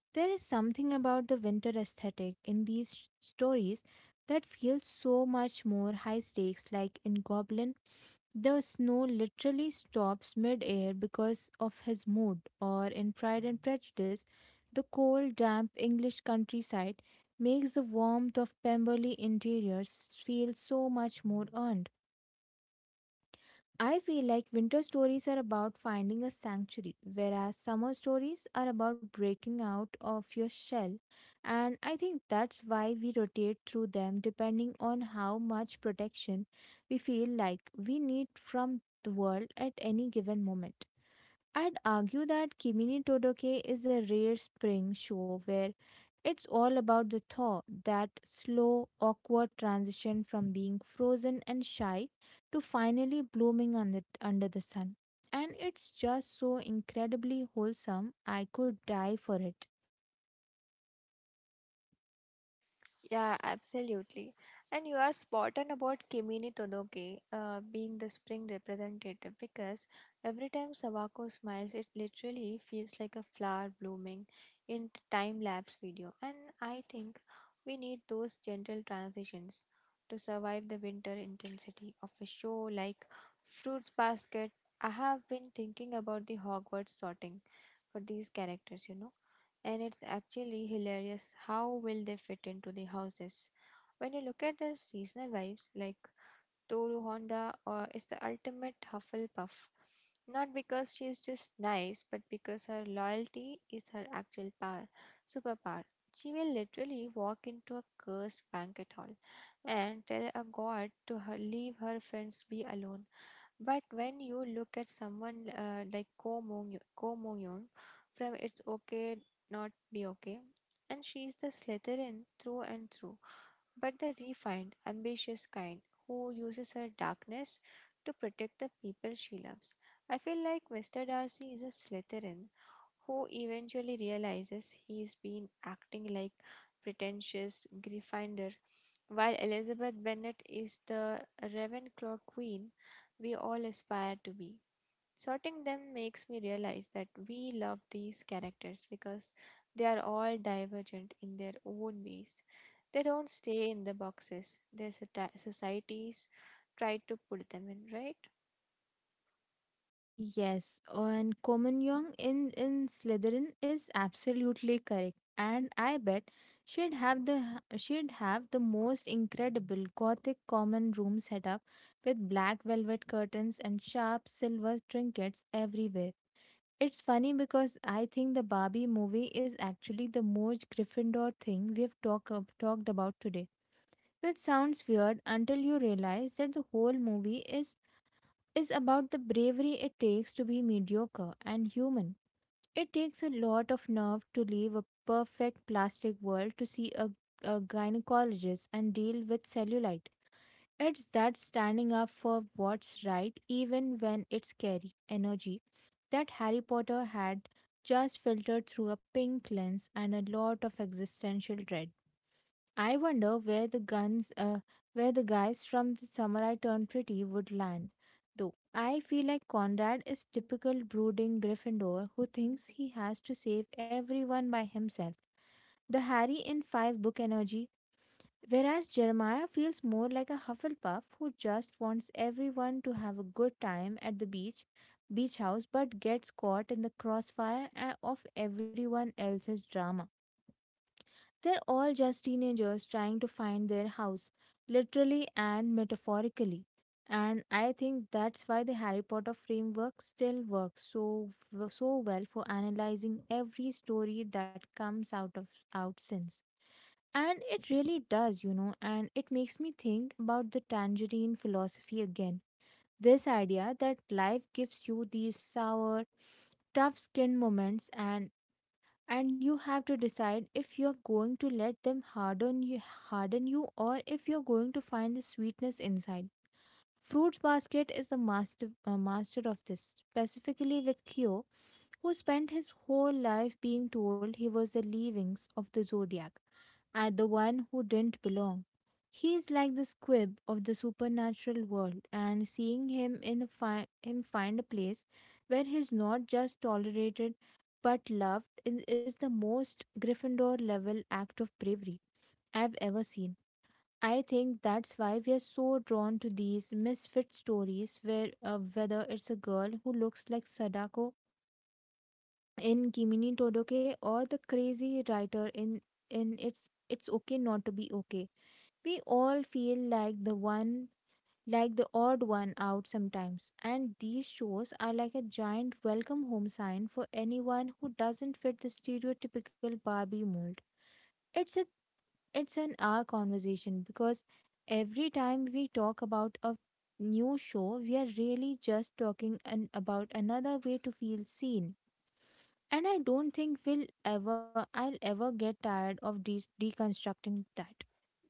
Speaker 1: There is something about the winter aesthetic in these stories that feels so much more high stakes, like in Goblin. The snow literally stops mid air because of his mood, or in Pride and Prejudice, the cold, damp English countryside makes the warmth of Pemberley interiors feel so much more earned. I feel like winter stories are about finding a sanctuary, whereas summer stories are about breaking out of your shell. And I think that's why we rotate through them depending on how much protection we feel like we need from the world at any given moment. I'd argue that Kimi Todoke is a rare spring show where it's all about the thaw, that slow, awkward transition from being frozen and shy to finally blooming under the sun. And it's just so incredibly wholesome, I could die for it.
Speaker 2: Yeah, absolutely. And you are spot on about Kimini Todoke being the spring representative because every time Sawako smiles, it literally feels like a flower blooming in time lapse video. And I think we need those gentle transitions to survive the winter intensity of a show like Fruits Basket. I have been thinking about the Hogwarts sorting for these characters, you know, and it's actually hilarious how will they fit into the houses. When you look at their seasonal vibes, like Toru Honda or is the ultimate Hufflepuff, not because she is just nice, but because her loyalty is her actual superpower. She will literally walk into a cursed banquet hall and tell a god to her, leave her friends be alone. But when you look at someone like Ko Moon from It's Okay Not Be Okay, and she's the Slytherin through and through, but the refined, ambitious kind who uses her darkness to protect the people she loves. I feel like Mr. Darcy is a Slytherin who eventually realizes he's been acting like pretentious Gryffindor, while Elizabeth Bennet is the Ravenclaw queen we all aspire to be. Sorting them makes me realize that we love these characters because they are all divergent in their own ways. They don't stay in the boxes their societies try to put them in, right?
Speaker 1: Yes, and Komanyong in Slytherin is absolutely correct, and I bet she'd have the most incredible gothic common room setup with black velvet curtains and sharp silver trinkets everywhere. It's funny because I think the Barbie movie is actually the most Gryffindor thing we've talked about today, which sounds weird until you realize that the whole movie is about the bravery it takes to be mediocre and human. It takes a lot of nerve to leave a perfect plastic world to see a gynecologist and deal with cellulite. It's that standing up for what's right, even when it's scary energy, that Harry Potter had, just filtered through a pink lens and a lot of existential dread. I wonder where the guys from the Samurai Turned Pretty would land. Though I feel like Conrad is typical brooding Gryffindor who thinks he has to save everyone by himself. The Harry in five book energy, whereas Jeremiah feels more like a Hufflepuff who just wants everyone to have a good time at the beach house, but gets caught in the crossfire of everyone else's drama. They're all just teenagers trying to find their house, literally and metaphorically. And I think that's why the Harry Potter framework still works so well for analyzing every story that comes out since. And it really does, you know, and it makes me think about the tangerine philosophy again. This idea that life gives you these sour, tough skin moments, and you have to decide if you're going to let harden you, or if you're going to find the sweetness inside. Fruits basket is the master of this, specifically with Kyo, who spent his whole life being told he was the leavings of the zodiac and the one who didn't belong. He is like the squib of the supernatural world, and seeing him find a place where he's not just tolerated but loved is the most Gryffindor level act of bravery I've ever seen. I think that's why we are so drawn to these misfit stories, where whether it's a girl who looks like Sadako in Kimi Todoke or the crazy writer in it's okay not to be okay. We all feel like the odd one out sometimes, and these shows are like a giant welcome home sign for anyone who doesn't fit the stereotypical Barbie mold. It's a it's an hour conversation because every time we talk about a new show, we are really just talking about another way to feel seen, and I don't think we'll ever I'll ever get tired of deconstructing that.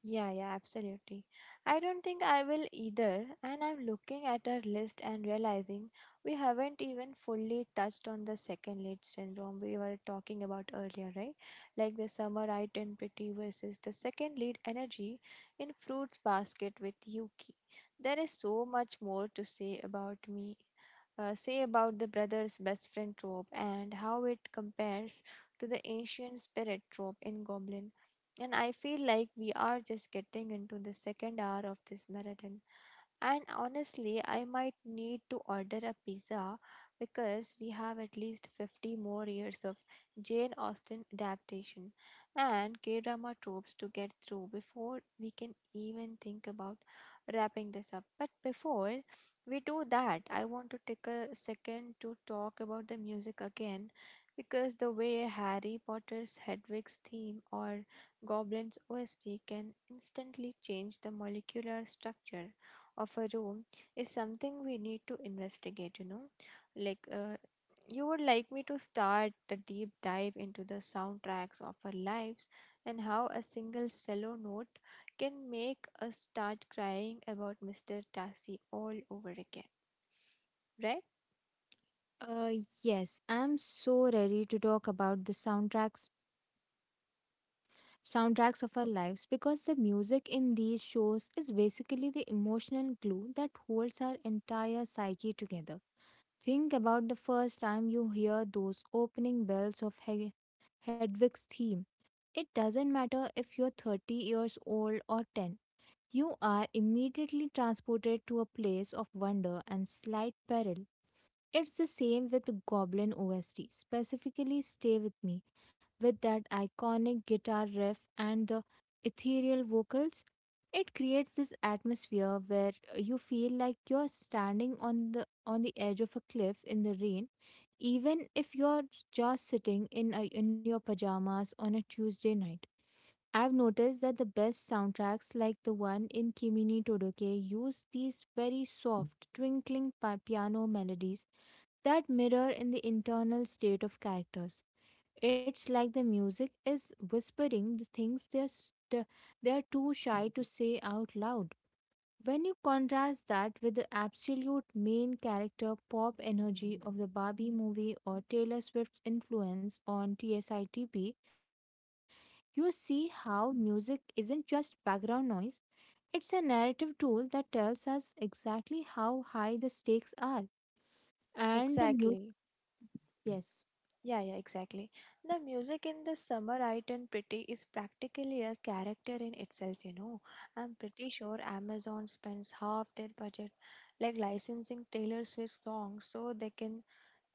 Speaker 2: Yeah, yeah, absolutely. I don't think I will either, and I'm looking at our list and realizing we haven't even fully touched on the second lead syndrome we were talking about earlier, right? Like the summer identity versus the second lead energy in fruits basket with Yuki. There is so much more to say about me. Say about the brother's best friend trope and how it compares to the ancient spirit trope in Goblin. And I feel like we are just getting into the second hour of this marathon. And honestly, I might need to order a pizza because we have at least 50 more years of Jane Austen adaptation and K drama tropes to get through before we can even think about wrapping this up. But before we do that, I want to take a second to talk about the music again, because the way Harry Potter's Hedwig's theme or Goblin's OST can instantly change the molecular structure of a room is something we need to investigate, you know. Like, you would like me to start the deep dive into the soundtracks of our lives and how a single cello note can make us start crying about Mr. Tassi all over again, right?
Speaker 1: uh yes, I'm so ready to talk about the soundtracks of our lives, because the music in these shows is basically the emotional glue that holds our entire psyche together. Think about the first time you hear those opening bells of Hedwig's theme. It doesn't matter if you're 30 years old or 10. You are immediately transported to a place of wonder and slight peril. It's the same with the Goblin OST, specifically Stay With Me, with that iconic guitar riff and the ethereal vocals. It creates this atmosphere where you feel like you're standing on the edge of a cliff in the rain, even if you're just sitting in in your pajamas on a Tuesday night. I've noticed that the best soundtracks, like the one in Kimi ni Todoke, use these very soft, twinkling piano melodies that mirror in the internal state of characters. It's like the music is whispering the things they're too shy to say out loud. When you contrast that with the absolute main character pop energy of the Barbie movie or Taylor Swift's influence on TSITP, you see how music isn't just background noise, it's a narrative tool that tells us exactly how high the stakes are. And the music,
Speaker 2: Exactly.
Speaker 1: yes,
Speaker 2: Yeah, yeah, exactly. The music in the summer It and Pretty is practically a character in itself, you know. I'm pretty sure Amazon spends half their budget like licensing Taylor Swift songs so they can,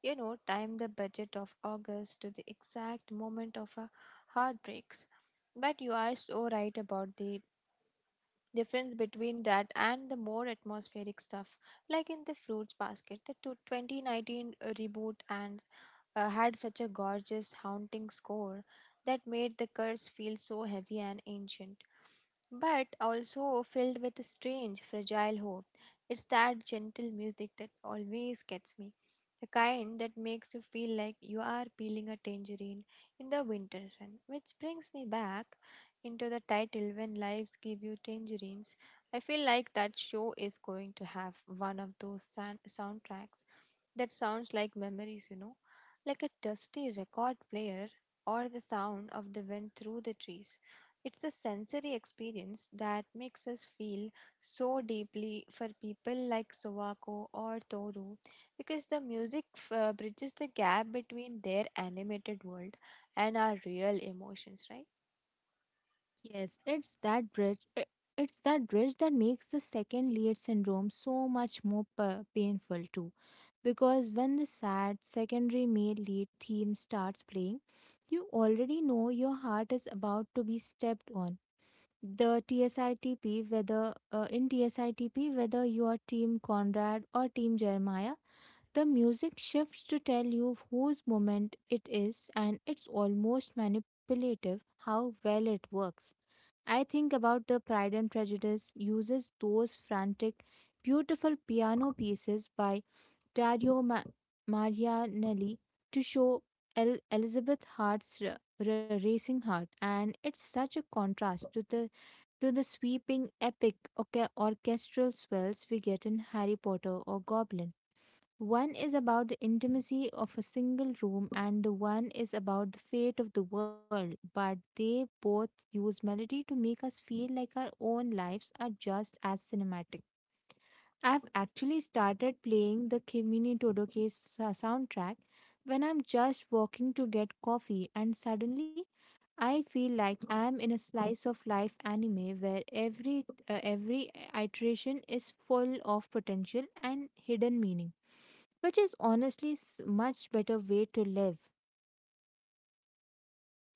Speaker 2: you know, time the budget of August to the exact moment of a heartbreaks. But you are so right about the difference between that and the more atmospheric stuff, like in the Fruits Basket, the 2019 reboot, and had such a gorgeous, haunting score that made the curse feel so heavy and ancient, but also filled with a strange, fragile hope. It's that gentle music that always gets me. The kind that makes you feel like you are peeling a tangerine in the winter sun, which brings me back into the title when lives give you tangerines. I feel like that show is going to have one of those soundtracks that sounds like memories, you know, like a dusty record player or the sound of the wind through the trees. It's a sensory experience that makes us feel so deeply for people like Sowako or Toru because the music bridges the gap between their animated world and our real emotions, right?
Speaker 1: yes, It's that bridge that makes the second lead syndrome so much more painful, too. Because when the sad secondary male lead theme starts playing, you already know your heart is about to be stepped on. The TSITP, whether in TSITP, whether you are Team Conrad or Team Jeremiah, the music shifts to tell you whose moment it is, and it's almost manipulative how well it works. I think about the Pride and Prejudice uses those frantic, beautiful piano pieces by Dario Marianelli to show Elizabeth Hart's racing heart, and it's such a contrast to the sweeping epic orchestral swells we get in Harry Potter or Goblin. One is about the intimacy of a single room, and the one is about the fate of the world, but they both use melody to make us feel like our own lives are just as cinematic. I've actually started playing the Kimini Todoke soundtrack when I'm just walking to get coffee, and suddenly I feel like I am in a slice of life anime where every iteration is full of potential and hidden meaning, which is honestly much better way to live.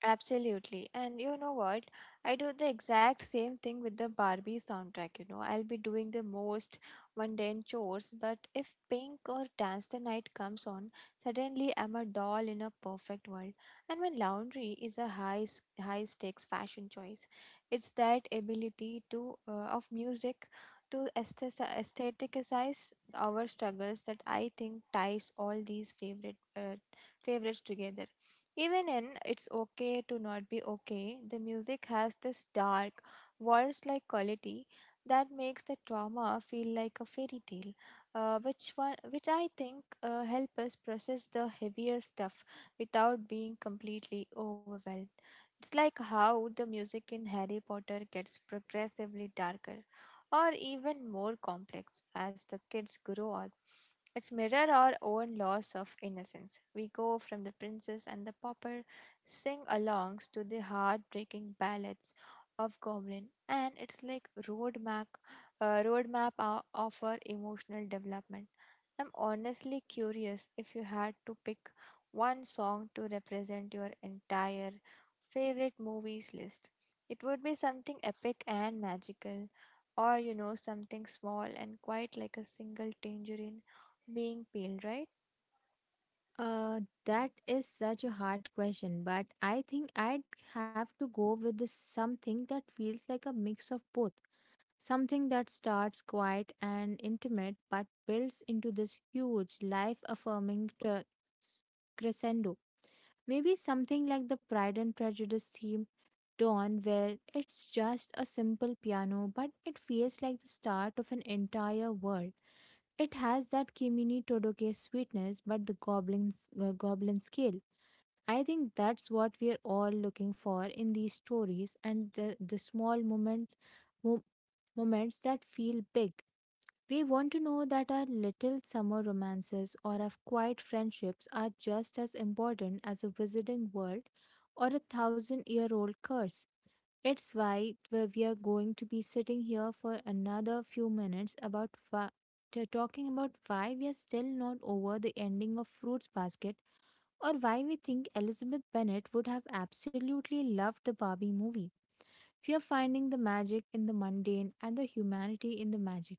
Speaker 2: Absolutely. And you know what? I do the exact same thing with the Barbie soundtrack, you know. I'll be doing the most mundane chores, but if Pink or Dance the Night comes on, suddenly I'm a doll in a perfect world. And when laundry is a high stakes fashion choice, it's that ability to, of music to aestheticize our struggles that I think ties all these favorites together. Even in It's Okay to Not Be Okay, the music has this dark, waltz like quality that makes the trauma feel like a fairy tale, which I think help us process the heavier stuff without being completely overwhelmed. It's like how the music in Harry Potter gets progressively darker or even more complex as the kids grow up. It's mirror our own loss of innocence. We go from the princess and the pauper sing alongs to the heartbreaking ballads of Goblin, and it's like roadmap of our emotional development. I'm honestly curious if you had to pick one song to represent your entire favorite movies list. It would be something epic and magical, or you know, something small and quite like a single tangerine being peeled, right?
Speaker 1: That is such a hard question, but I think I'd have to go with this something that feels like a mix of both. Something that starts quiet and intimate but builds into this huge life affirming crescendo. Maybe something like the Pride and Prejudice theme Dawn, where it's just a simple piano, but it feels like the start of an entire world. It has that Kimini Todoke sweetness, but the goblin scale. I think that's what we're all looking for in these stories, and the small mo- moments that feel big. We want to know that our little summer romances or our quiet friendships are just as important as a visiting world or a thousand year old curse. It's why we are going to be sitting here for another few minutes about wha- to talking about why we are still not over the ending of Fruits Basket, or why we think Elizabeth Bennet would have absolutely loved the Barbie movie. We are finding the magic in the mundane and the humanity in the magic.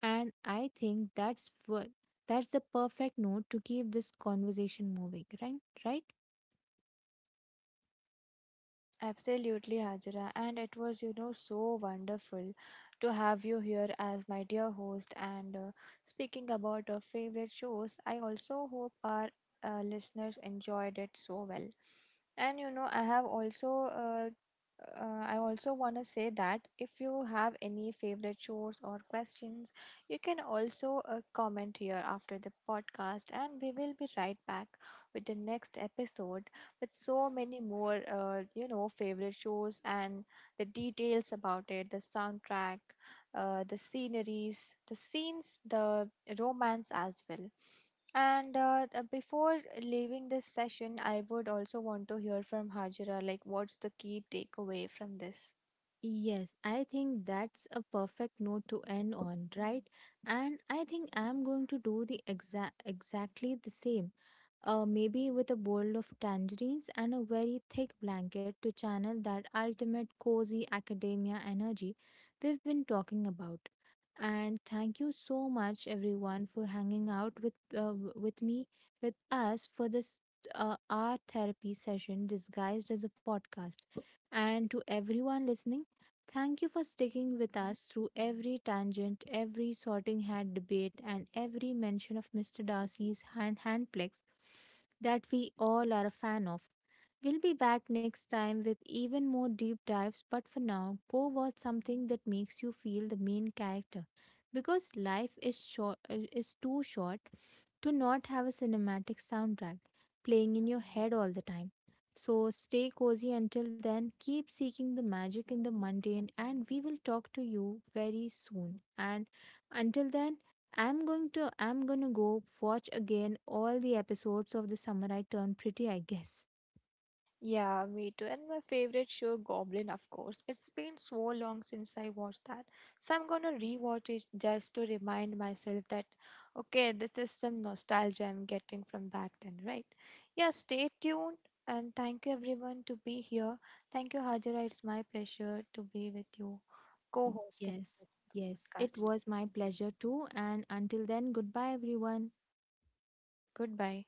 Speaker 1: And I think that's the perfect note to keep this conversation moving, right? Right?
Speaker 2: Absolutely, Hajra. And it was, you know, so wonderful to have you here as my dear host. And speaking about our favorite shows, I also hope our listeners enjoyed it so well. And you know, I have also, I also want to say that if you have any favorite shows or questions, you can also comment here after the podcast, and we will be right back with the next episode with so many more, you know, favorite shows and the details about it, the soundtrack, the sceneries, the scenes, the romance as well. And before leaving this session, I would also want to hear from Hajira, like what's the key takeaway from this?
Speaker 1: Yes, I think that's a perfect note to end on, right? And I think I'm going to do the exactly the same, maybe with a bowl of tangerines and a very thick blanket to channel that ultimate cozy academia energy we've been talking about. And thank you so much, everyone, for hanging out with with me, with us for this our therapy session disguised as a podcast. And to everyone listening, thank you for sticking with us through every tangent, every sorting hat debate, and every mention of Mr. Darcy's hand that we all are a fan of. We'll be back next time with even more deep dives, but for now, go watch something that makes you feel the main character, because life is too short to not have a cinematic soundtrack playing in your head all the time. So stay cozy until then, keep seeking the magic in the mundane, and we will talk to you very soon. And until then, I'm going to go watch again all the episodes of The Samurai Turn Pretty, I guess.
Speaker 2: Yeah, me too. And my favorite show, Goblin, of course. It's been so long since I watched that. So I'm gonna rewatch it just to remind myself that, okay, this is some nostalgia I'm getting from back then, right? Yeah, stay tuned, and thank you everyone to be here. Thank you, Hajira. It's my pleasure to be with you, co-hosting
Speaker 1: Yes,
Speaker 2: this
Speaker 1: yes, it
Speaker 2: podcast.
Speaker 1: was my pleasure too. And until then, goodbye, everyone.
Speaker 2: Goodbye.